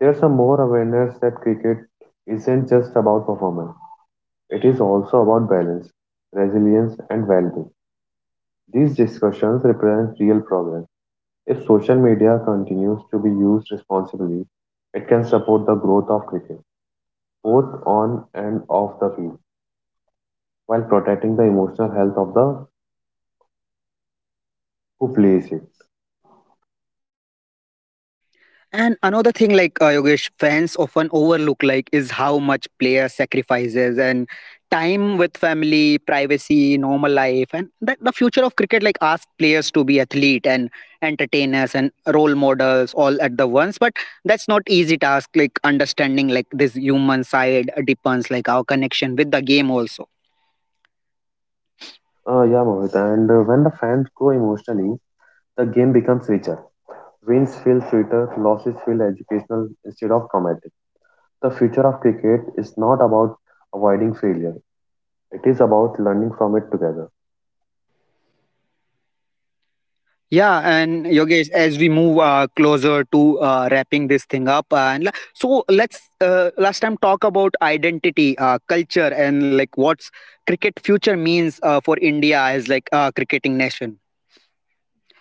There's a more awareness that cricket isn't just about performance, it is also about balance, resilience, and well being. These discussions represent real progress. If social media continues to be used responsibly, it can support the growth of cricket, both on and off the field, while protecting the emotional health of the who plays it.
And another thing, Yogesh, fans often overlook, is how much player sacrifices, and time with family, privacy, normal life. And that the future of cricket, asks players to be athlete and entertainers and role models all at the once. But that's not easy task. Understanding this human side depends, our connection with the game also.
Yeah, Mohit, and when the fans grow emotionally, the game becomes richer. Wins feel sweeter, losses feel educational instead of traumatic. The future of cricket is not about avoiding failure. It is about learning from it together.
Yeah, and Yogesh, as we move closer to wrapping this thing up, and la- so let's last time talk about identity, culture, and what's cricket future means for India as a cricketing nation.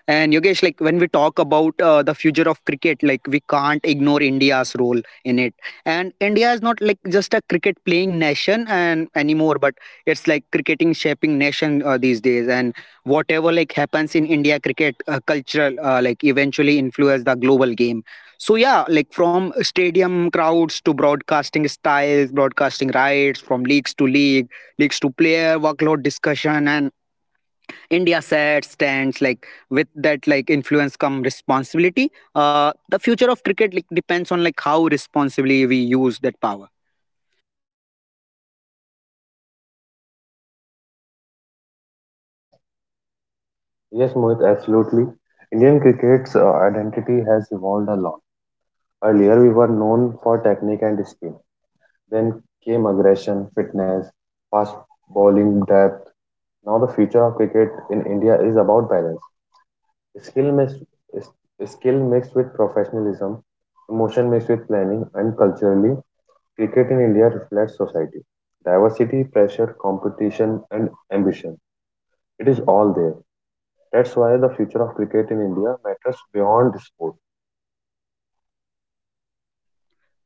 And Yogesh, when we talk about the future of cricket, we can't ignore India's role in it. And India is not just a cricket playing nation and anymore, but it's cricketing shaping nation these days. And whatever happens in India cricket cultural, eventually influence the global game. So yeah, from stadium crowds to broadcasting styles, broadcasting rights, from leagues to league, leagues to player workload discussion, and India set stands with that influence come responsibility. The future of cricket depends on how responsibly we use that power.
Yes, Mohit, absolutely. Indian cricket's identity has evolved a lot. Earlier, we were known for technique and spin. Then came aggression, fitness, fast bowling depth. Now, the future of cricket in India is about balance. Skill mixed, is- Skill mixed with professionalism, emotion mixed with planning, and culturally cricket in India reflects society. Diversity, pressure, competition, and ambition. It is all there. That's why the future of cricket in India matters beyond sport.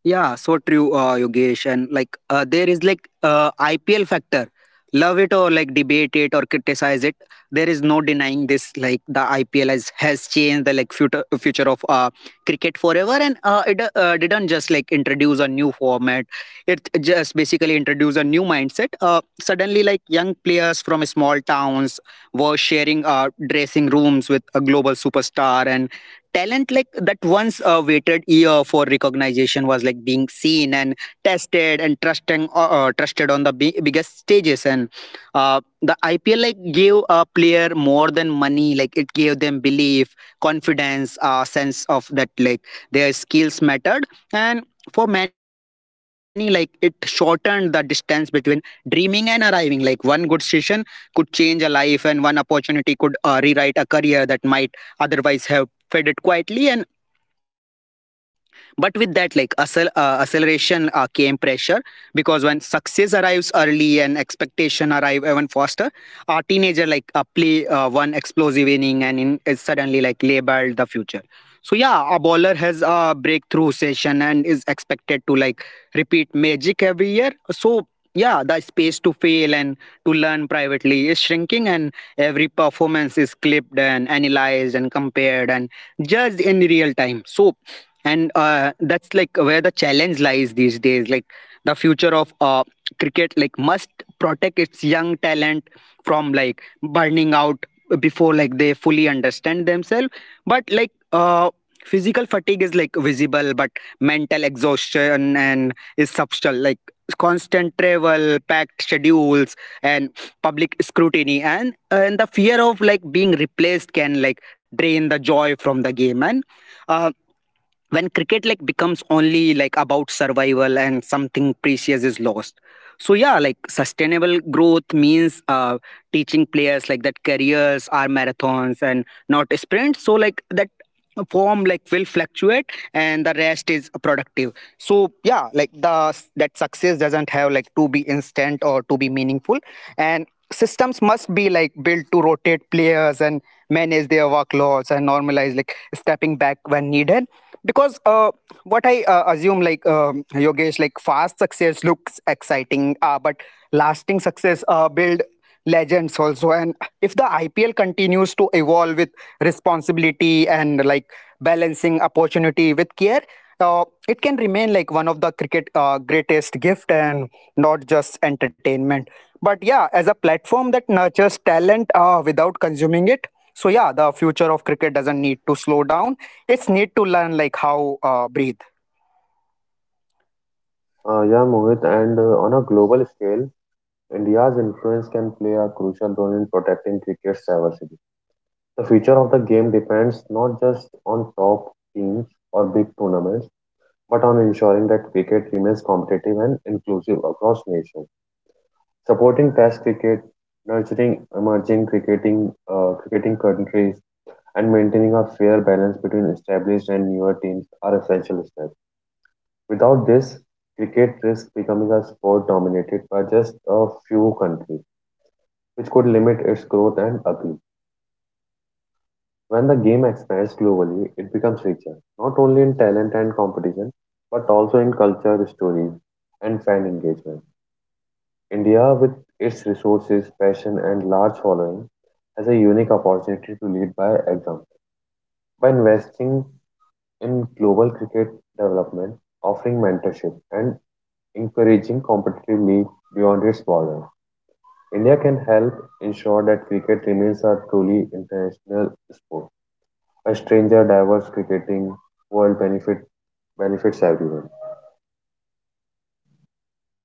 Yeah, so true, Yogesh. And there is IPL factor. Love it, or debate it, or criticize it. There is no denying this. The IPL has changed the future of cricket forever. And it didn't just introduce a new format, it just basically introduced a new mindset. Suddenly, young players from small towns were sharing dressing rooms with a global superstar. And talent that once waited year for recognition was being seen and tested and trusting trusted on the biggest stages. And the IPL gave a player more than money, it gave them belief, confidence, sense of that their skills mattered. And for many it shortened the distance between dreaming and arriving. One good session could change a life, and one opportunity could rewrite a career that might otherwise have fed it quietly. And but with that acceleration came pressure, because when success arrives early, and expectation arrive even faster, a teenager play one explosive inning and is suddenly labeled the future. So yeah, a bowler has a breakthrough session and is expected to repeat magic every year. So yeah, the space to fail and to learn privately is shrinking, and every performance is clipped and analyzed and compared, and just in real time. So and That's where the challenge lies these days. The future of cricket must protect its young talent from burning out before they fully understand themselves. But like Physical fatigue is visible, but mental exhaustion and is substantial. Constant travel, packed schedules, and public scrutiny, and the fear of being replaced can drain the joy from the game. And uh, when cricket becomes only about survival, and something precious is lost. So yeah, sustainable growth means teaching players that careers are marathons and not sprint. So That form like will fluctuate and the rest is productive. So yeah, like the that success doesn't have like to be instant or to be meaningful. And systems must be like built to rotate players and manage their workloads and normalize like stepping back when needed. Because what I assume like, Yogesh, like fast success looks exciting, but lasting success build legends also. And if the IPL continues to evolve with responsibility and like balancing opportunity with care, it can remain like one of the cricket greatest gift and not just entertainment, but yeah, as a platform that nurtures talent without consuming it. So yeah, the future of cricket doesn't need to slow down, it's need to learn like how breathe.
Yeah, Mohit, and on a global scale, India's influence can play a crucial role in protecting cricket's diversity. The future of the game depends not just on top teams or big tournaments, but on ensuring that cricket remains competitive and inclusive across nations. Supporting Test cricket, nurturing emerging cricketing countries, and maintaining a fair balance between established and newer teams are essential steps. Without this, cricket risks becoming a sport dominated by just a few countries, which could limit its growth and appeal. When the game expands globally, it becomes richer, not only in talent and competition, but also in culture, stories, and fan engagement. India, with its resources, passion, and large following, has a unique opportunity to lead by example. By investing in global cricket development, offering mentorship, and encouraging competitive league beyond its borders, India can help ensure that cricket remains a truly international sport. A stranger diverse cricketing world benefits everyone.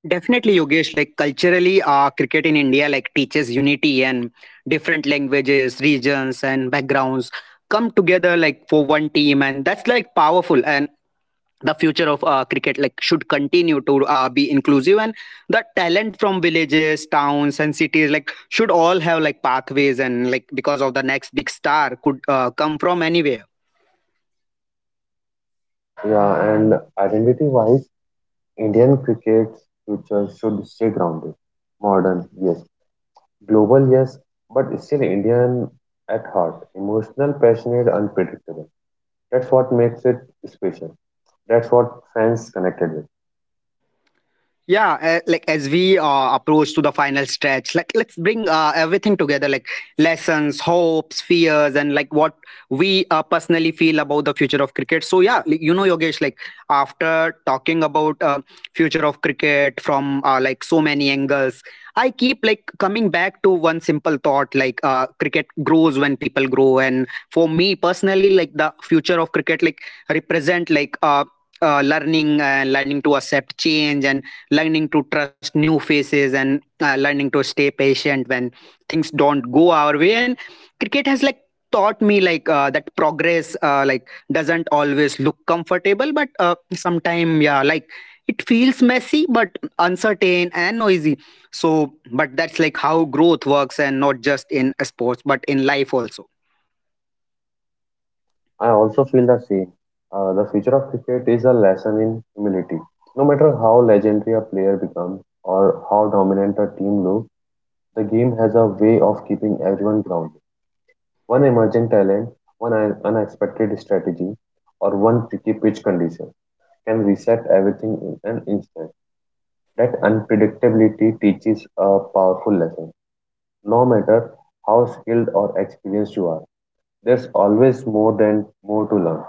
Definitely, Yogesh. Like culturally, cricket in India like teaches unity, and different languages, regions, and backgrounds come together like for one team, and that's like powerful. And the future of cricket like should continue to be inclusive, and the talent from villages, towns, and cities like should all have like pathways, and like because of the next big star could come from anywhere.
Yeah, and identity-wise, Indian cricket's future should stay grounded, modern, yes. Global, yes, but still Indian at heart. Emotional, passionate, unpredictable. That's what makes it special. That's what fans connected with.
Yeah, like as we approach to the final stretch, like let's bring everything together, like lessons, hopes, fears, and like what we personally feel about the future of cricket. So yeah, like, you know, Yogesh, like after talking about future of cricket from like so many angles, I keep like coming back to one simple thought, like cricket grows when people grow. And for me personally, like the future of cricket like represent like learning, and learning to accept change, and learning to trust new faces, and learning to stay patient when things don't go our way. And cricket has like taught me like that progress like doesn't always look comfortable, but sometime yeah, like it feels messy but uncertain and noisy. So but that's like how growth works, and not just in sports but in life also.
I also feel the same. The future of cricket is a lesson in humility. No matter how legendary a player becomes or how dominant a team looks, the game has a way of keeping everyone grounded. One emerging talent, one unexpected strategy, or one tricky pitch condition can reset everything in an instant. That unpredictability teaches a powerful lesson. No matter how skilled or experienced you are, there's always more to learn.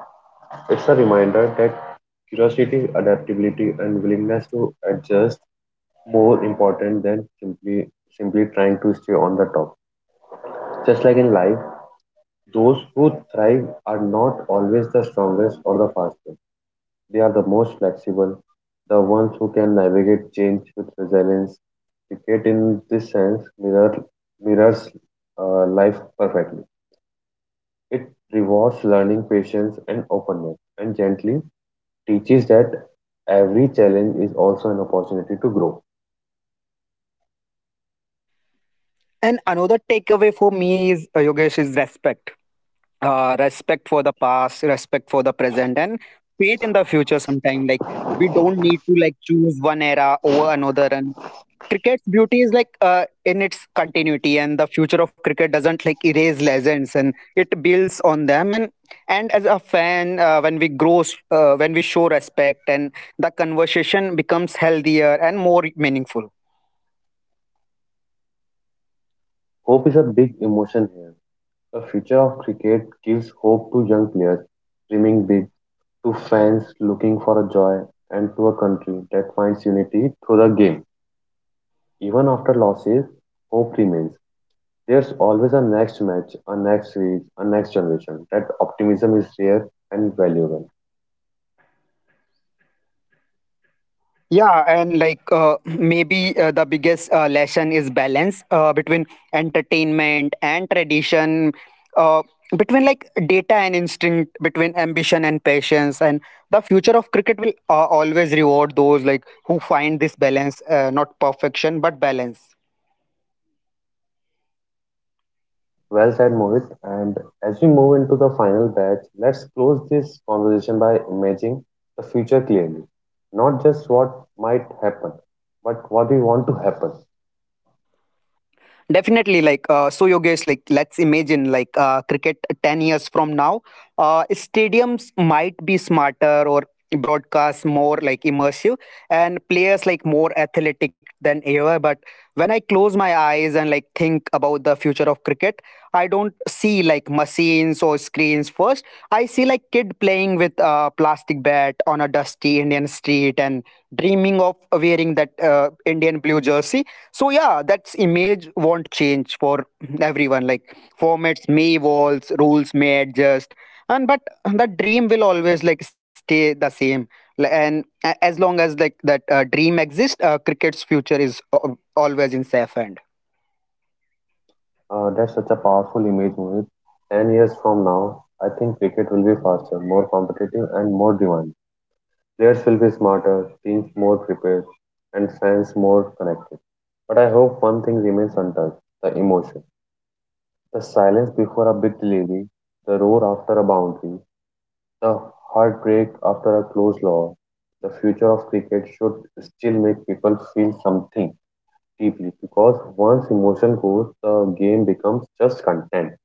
It's a reminder that curiosity, adaptability, and willingness to adjust more important than simply trying to stay on the top. Just like in life, those who thrive are not always the strongest or the fastest. They are the most flexible, the ones who can navigate change with resilience. Cricket, in this sense, mirrors life perfectly. It rewards learning, patience, and openness, and gently teaches that every challenge is also an opportunity to grow.
And another takeaway for me is, Yogesh, is respect. Respect for the past, respect for the present, and faith in the future. Sometime like we don't need to like choose one era over another. And cricket's beauty is like in its continuity, and the future of cricket doesn't like erase legends, and it builds on them. And as a fan, when we grow, when we show respect, and the conversation becomes healthier and more meaningful.
Hope is a big emotion here. The future of cricket gives hope to young players dreaming big, to fans looking for a joy, and to a country that finds unity through the game. Even after losses, hope remains. There's always a next match, a next series, a next generation. That optimism is rare and valuable.
Yeah, and like [clears throat] maybe the biggest lesson is balance, between entertainment and tradition, uh, between like data and instinct, between ambition and patience. And the future of cricket will always reward those like who find this balance, not perfection but balance.
Well said, Mohit. And as we move into the final batch, let's close this conversation by imagining the future clearly. Not just what might happen, but what we want to happen.
Definitely, like so, Yogesh, like let's imagine like cricket 10 years from now. Stadiums might be smarter, or broadcast more like immersive, and players like more athletic than ever. But when I close my eyes and like think about the future of cricket, I don't see like machines or screens first. I see like kid playing with a plastic bat on a dusty Indian street and dreaming of wearing that Indian blue jersey. So yeah, that's image won't change for everyone. Like formats may evolve, rules may adjust, and but the dream will always like stay the same. As long as like that dream exists, cricket's future is always in safe hand.
That's such a powerful image, Mohit. 10 years from now, I think cricket will be faster, more competitive, and more demanding. Players will be smarter, teams more prepared, and fans more connected. But I hope one thing remains untouched the emotion. The silence before a big delivery, the roar after a boundary, the heartbreak after a close loss. The future of cricket should still make people feel something deeply because once emotion goes, the game becomes just content.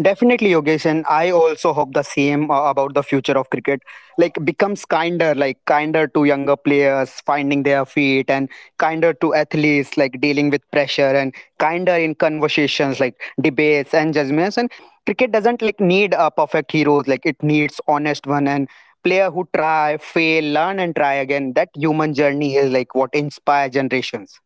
Definitely, Yogesh, and I also hope the same about the future of cricket. Like becomes kinder, like kinder to younger players finding their feet, and kinder to athletes, like dealing with pressure, and kinder in conversations, like debates and judgments. And cricket doesn't like need a perfect heroes, like it needs honest one, and player who try, fail, learn, and try again. That human journey is like what inspire generations.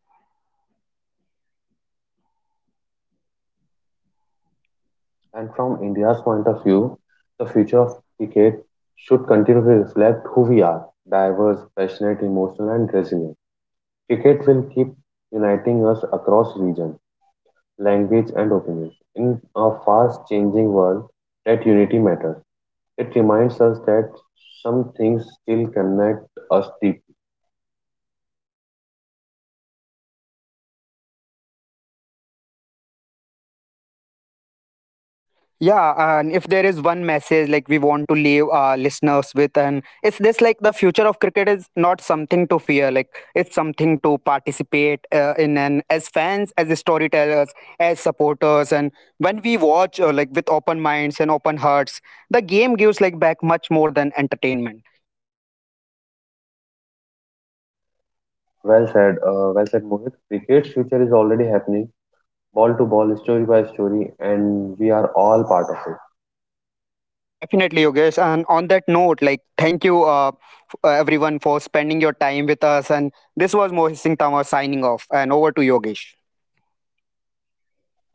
And from India's point of view, the future of cricket should continue to reflect who we are diverse, passionate, emotional, and resilient. Cricket will keep uniting us across region, language, and opinions. In a fast changing world, that unity matters. It reminds us that some things still connect us deeply.
Yeah, and if there is one message like we want to leave our listeners with, and it's this, like the future of cricket is not something to fear, like it's something to participate in, and as fans, as storytellers, as supporters, and when we watch like with open minds and open hearts, the game gives like back much more than entertainment.
Well said, Mohit. Cricket's future is already happening, ball to ball, story by story, and we are all part of it.
Definitely, Yogesh. And on that note, like thank you, everyone, for spending your time with us. And this was Mohit Singh Tama signing off, and over to Yogesh.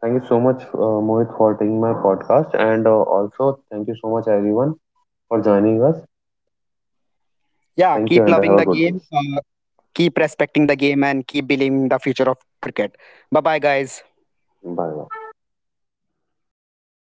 Thank you so much, Mohit, for taking my podcast. And also, thank you so much, everyone, for joining us.
Yeah,
Thank you,
keep
and have
loving
a
the
good day.
game, keep respecting the game, and keep believing in the future of cricket. Bye bye, guys.
Bye bye.